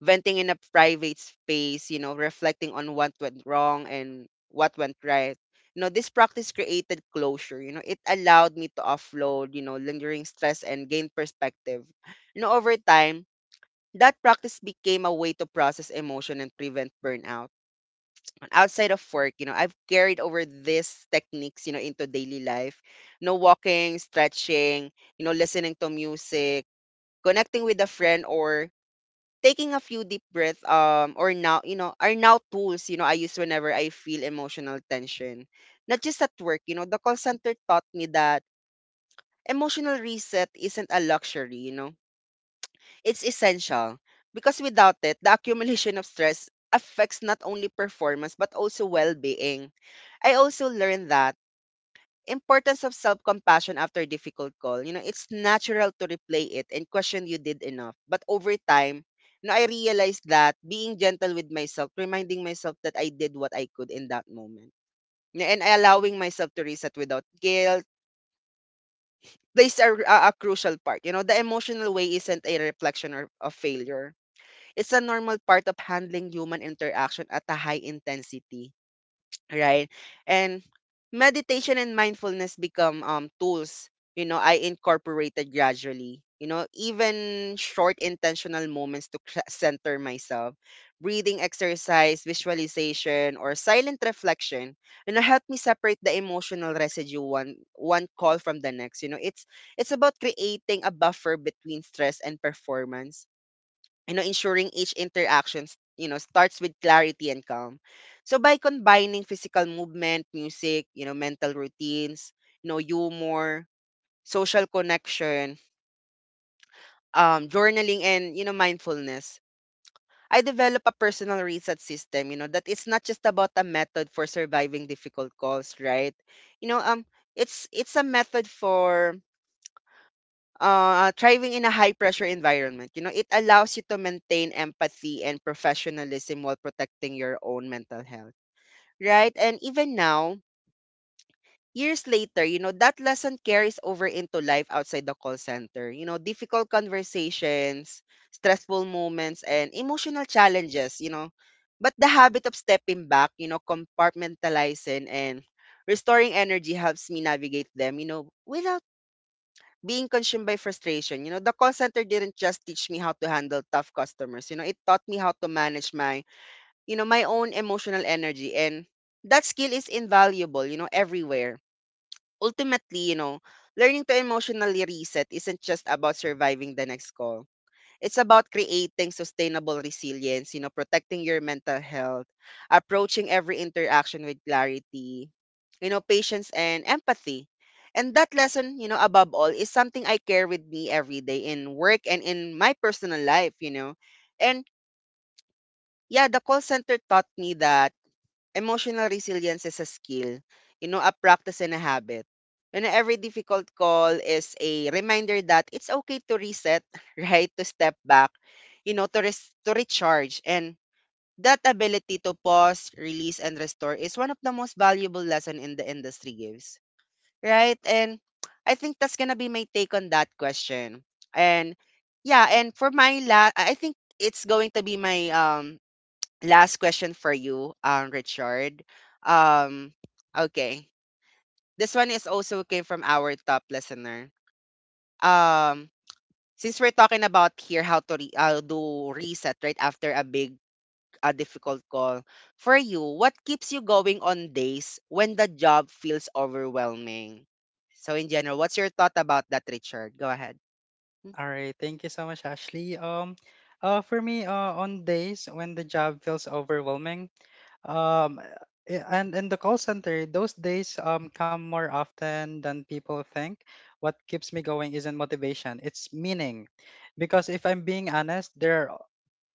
venting in a private space, reflecting on what went wrong and what went right. This practice created closure. It allowed me to offload, lingering stress and gain perspective. Over time, that practice became a way to process emotion and prevent burnout outside of work. I've carried over these techniques, into daily life. No walking, stretching, listening to music, connecting with a friend or taking a few deep breaths or now, are now tools, I use whenever I feel emotional tension. Not just at work. The call center taught me that emotional reset isn't a luxury, it's essential because without it, the accumulation of stress affects not only performance but also well-being. I also learned that importance of self-compassion after a difficult call. It's natural to replay it and question you did enough. But over time, I realized that being gentle with myself, reminding myself that I did what I could in that moment, and allowing myself to reset without guilt plays a crucial part. The emotional way isn't a reflection or, of failure. It's a normal part of handling human interaction at a high intensity, right? And meditation and mindfulness become tools, I incorporated gradually. Even short intentional moments to center myself, breathing exercise, visualization, or silent reflection, help me separate the emotional residue one call from the next. It's about creating a buffer between stress and performance, ensuring each interaction, starts with clarity and calm. So by combining physical movement, music, mental routines, humor, social connection, journaling, and mindfulness, I develop a personal reset system. That it's not just about a method for surviving difficult calls, right? You know, um, it's a method for thriving in a high pressure environment. It allows you to maintain empathy and professionalism while protecting your own mental health, right? And even now, years later, that lesson carries over into life outside the call center. Difficult conversations, stressful moments, and emotional challenges. But the habit of stepping back, compartmentalizing and restoring energy helps me navigate them, without being consumed by frustration. The call center didn't just teach me how to handle tough customers. It taught me how to manage my, my own emotional energy. And that skill is invaluable, everywhere. Ultimately, learning to emotionally reset isn't just about surviving the next call. It's about creating sustainable resilience, protecting your mental health, approaching every interaction with clarity, patience and empathy. And that lesson, above all, is something I carry with me every day in work and in my personal life. And yeah, the call center taught me that emotional resilience is a skill, a practice and a habit. Every difficult call is a reminder that it's okay to reset, right? To step back, to, to recharge. And that ability to pause, release, and restore is one of the most valuable lesson in the industry gives, right? And I think that's gonna be my take on that question. And yeah, and for my last, I think it's going to be my last question for you, Richard. Um, okay. This one is also came from our top listener. Um, since we're talking about here how to do reset right after a big a difficult call for you, what keeps you going on days when the job feels overwhelming? So in general, what's your thought about that, Richard? Go ahead. Mm.
All right, thank you so much, Ashley. For me, on days when the job feels overwhelming, um, and in the call center, those days come more often than people think. What keeps me going isn't motivation; it's meaning. Because if I'm being honest, there are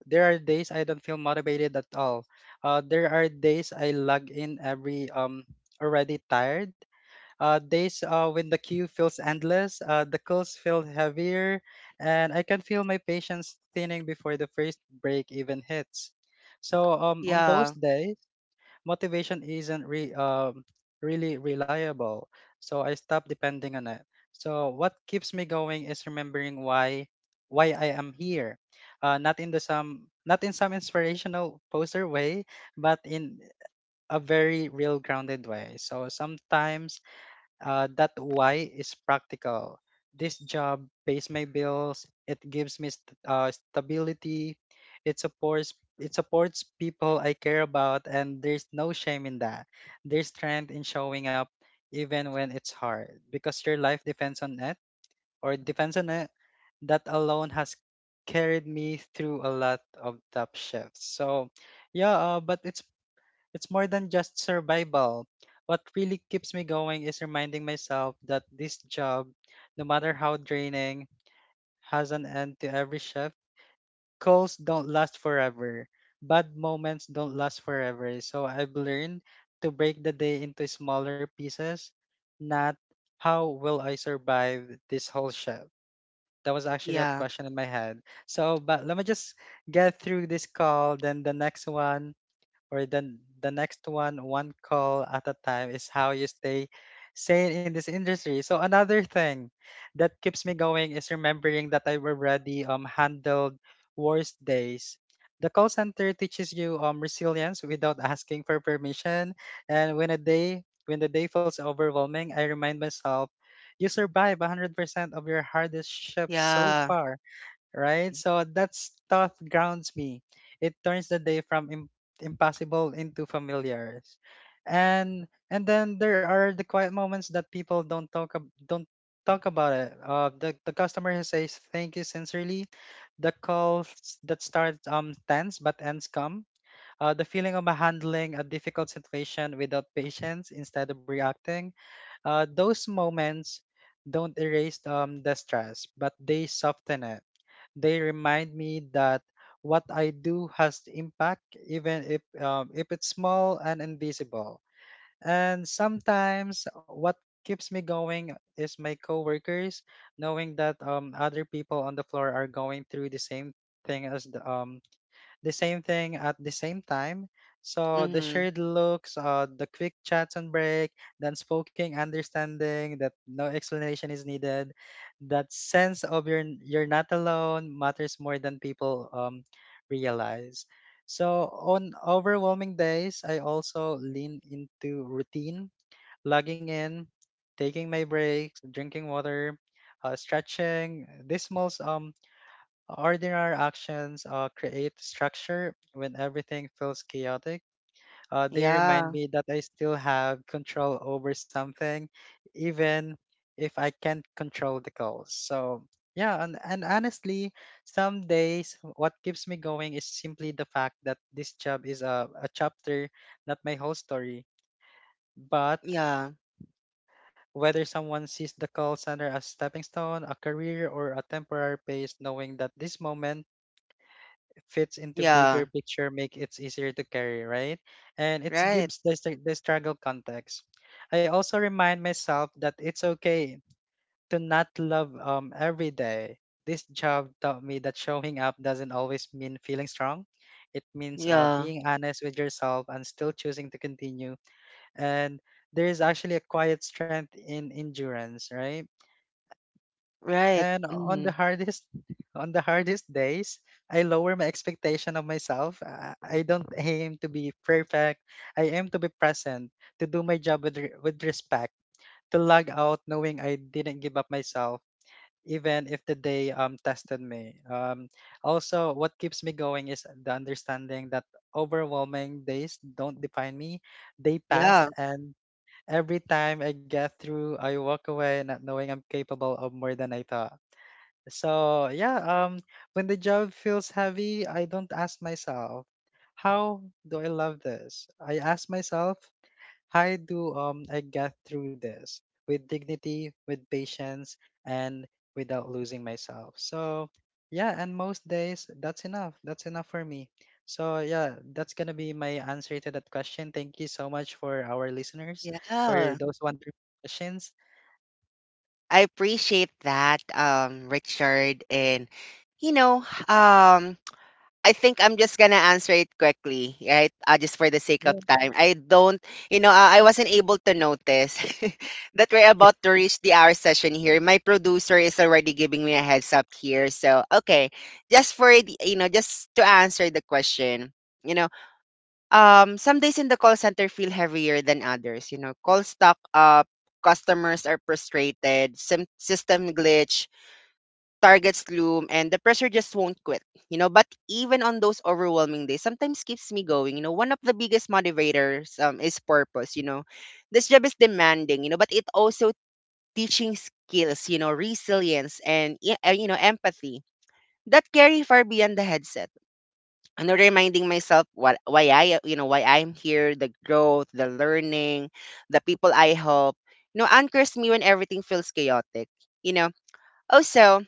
there are days I don't feel motivated at all. There are days I log in every already tired, days when the queue feels endless, the calls feel heavier, and I can feel my patience thinning before the first break even hits. So on those
Yeah,
days, motivation isn't really reliable, so I stop depending on it. So what keeps me going is remembering why I am here, not in the some not in some inspirational poster way, but in a very real grounded way. So sometimes that why is practical. This job pays my bills. It gives me stability. It supports it supports people I care about, and there's no shame in that. There's strength in showing up even when it's hard because your life depends on it. That alone has carried me through a lot of tough shifts. So, yeah, but it's more than just survival. What really keeps me going is reminding myself that this job, no matter how draining, has an end to every shift. Calls don't last forever. Bad moments don't last forever. So I've learned to break the day into smaller pieces, not how will I survive this whole shift. That was actually a
yeah,
question in my head. So, but let me just get through this call, then the next one or the next one. One call at a time is how you stay sane in this industry. So another thing that keeps me going is remembering that I've already handled worse days. The call center teaches you resilience without asking for permission. And when the day feels overwhelming, I remind myself you survive 100% of your hardest shifts so
yeah.
far, right? So that's thought grounds me. It turns the day from impossible into familiar. And then there are the quiet moments that people don't talk about it. The customer who says thank you sincerely, the calls that start tense but ends calm, the feeling of handling a difficult situation without patience instead of reacting. Those moments don't erase the stress, but they soften it. They remind me that what I do has the impact, even if it's small and invisible. And sometimes, what keeps me going is my coworkers, knowing that other people on the floor are going through the same thing as the same thing at the same time. So the
Mhm.
shared looks, the quick chats and break, the unspoken understanding that no explanation is needed, that sense of you're not alone matters more than people realize. So on overwhelming days, I also lean into routine, logging in, taking my breaks, drinking water, stretching. These small ordinary actions create structure when everything feels chaotic. They remind
Yeah.
me that I still have control over something, even if I can't control the goals. So, yeah, and honestly, some days what keeps me going is simply the fact that this job is a chapter, not my whole story. But
Yeah.
whether someone sees the call center as stepping stone, a career, or a temporary pace, knowing that this moment fits into bigger
Yeah.
picture make it easier to carry, right? And it
Right.
gives the struggle context. I also remind myself that it's okay to not love every day. This job taught me that showing up doesn't always mean feeling strong. It means
Yeah.
being honest with yourself and still choosing to continue. And there is actually a quiet strength in endurance, right?
Right.
And on the
Mhm.
hardest on the hardest days, I lower my expectation of myself. I don't aim to be perfect. I aim to be present, to do my job with respect, to log out knowing I didn't give up myself even if the day tested me. Also what keeps me going is the understanding that overwhelming days don't define me. They pass,
Yeah.
and every time I get through I walk away not knowing I'm capable of more than I thought. So yeah, when the job feels heavy, I don't ask myself, how do I love this? I ask myself, how do I get through this with dignity, with patience, and without losing myself. So yeah, and most days that's enough. That's enough for me. So yeah, that's gonna be my answer to that question. Thank you so much for our listeners for
Yeah.
those wonderful questions.
I appreciate that, Richard. And you know, um, I think I'm just gonna answer it quickly, right? Just for the sake of
Yeah,
time. I don't, I wasn't able to notice that we're about to reach the hour session here. My producer is already giving me a heads up here. So, okay, just for the, just to answer the question, you know, some days in the call center feel heavier than others. Call stock up, customers are frustrated, system glitch, targets loom and the pressure just won't quit. But even on those overwhelming days sometimes keeps me going. One of the biggest motivators is purpose. This job is demanding, but it also teaching skills, resilience and empathy that carry far beyond the headset and reminding myself what why I why I'm here, the growth, the learning, the people I help, anchors me when everything feels chaotic. You know. Also,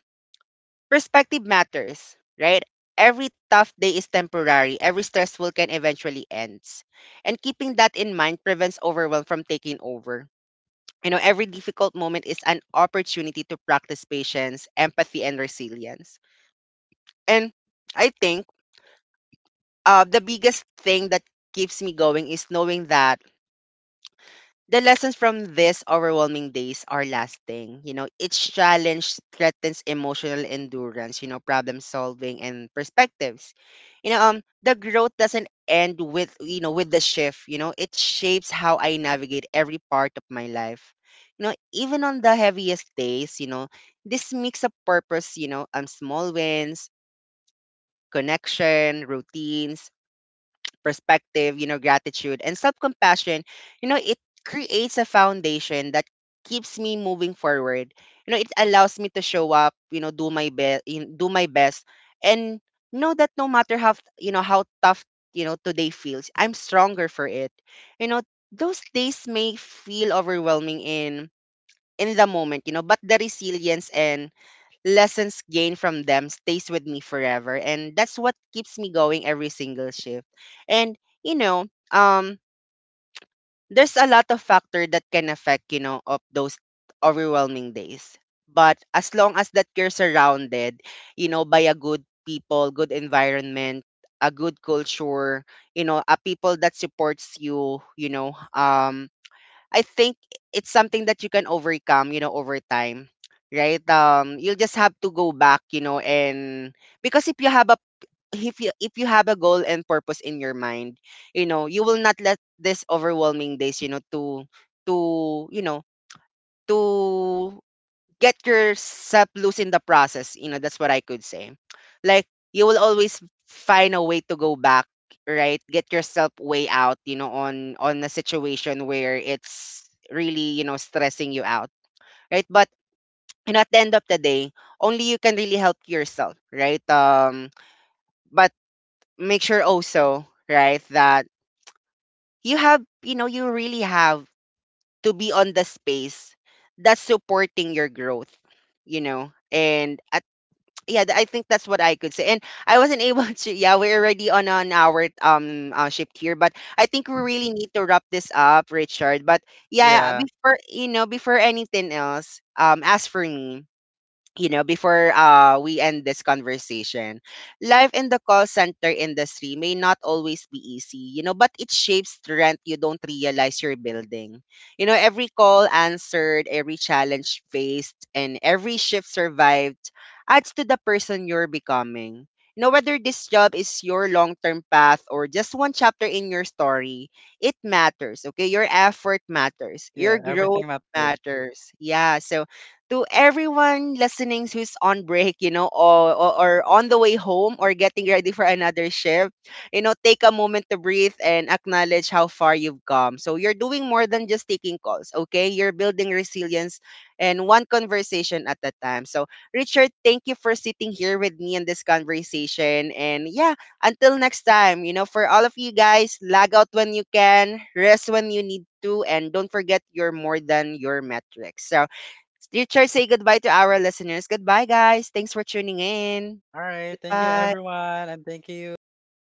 perspective matters, right? Every tough day is temporary. Every stressful can eventually ends. And keeping that in mind prevents overwhelm from taking over. Every difficult moment is an opportunity to practice patience, empathy, and resilience. And I think the biggest thing that keeps me going is knowing that the lessons from these overwhelming days are lasting. Each challenge threatens emotional endurance, problem solving and perspectives. The growth doesn't end with, with the shift, it shapes how I navigate every part of my life. Even on the heaviest days, this mix of purpose, small wins, connection, routines, perspective, gratitude and self-compassion, it creates a foundation that keeps me moving forward. It allows me to show up, do my best and know that no matter how, how tough, today feels, I'm stronger for it. You know, those days may feel overwhelming in the moment, but the resilience and lessons gained from them stays with me forever, and that's what keeps me going every single shift. And you know um there's a lot of factor that can affect of those overwhelming days, but as long as that you're surrounded by a good people, good environment, a good culture, a people that supports you. You know I think it's something that you can overcome, over time, right? You'll just have to go back, and because if you have a goal and purpose in your mind, you will not let this overwhelming days, to you know to get yourself loose in the process. That's what I could say. Like you will always find a way to go back, right? Get yourself way out, on a situation where it's really, stressing you out. Right? But at the end of the day, only you can really help yourself, right? But make sure also, right, that you have, you really have to be on the space that's supporting your growth. And yeah, I think that's what I could say. And I wasn't able to. Yeah, we're already on an hour shift here, but I think we really need to wrap this up, Richard. But yeah,
yeah,
before before anything else, as for me, before we end this conversation, life in the call center industry may not always be easy, but it shapes strength you don't realize you're building. Every call answered, every challenge faced, and every shift survived adds to the person you're becoming. Whether this job is your long term path or just one chapter in your story, it matters, okay? Your effort matters,
yeah.
your
Everything
growth
matters.
matters. Yeah, so to everyone listening who's on break, or on the way home or getting ready for another shift, take a moment to breathe and acknowledge how far you've come. So you're doing more than just taking calls, okay? You're building resilience and one conversation at a time. So, Richard, thank you for sitting here with me in this conversation. And yeah, until next time, for all of you guys, lag out when you can, rest when you need to, and don't forget you're more than your metrics. So, Teacher, say goodbye to our listeners. Goodbye, guys. Thanks for tuning in.
All right. Thank you,
Goodbye.
everyone. And thank you to all our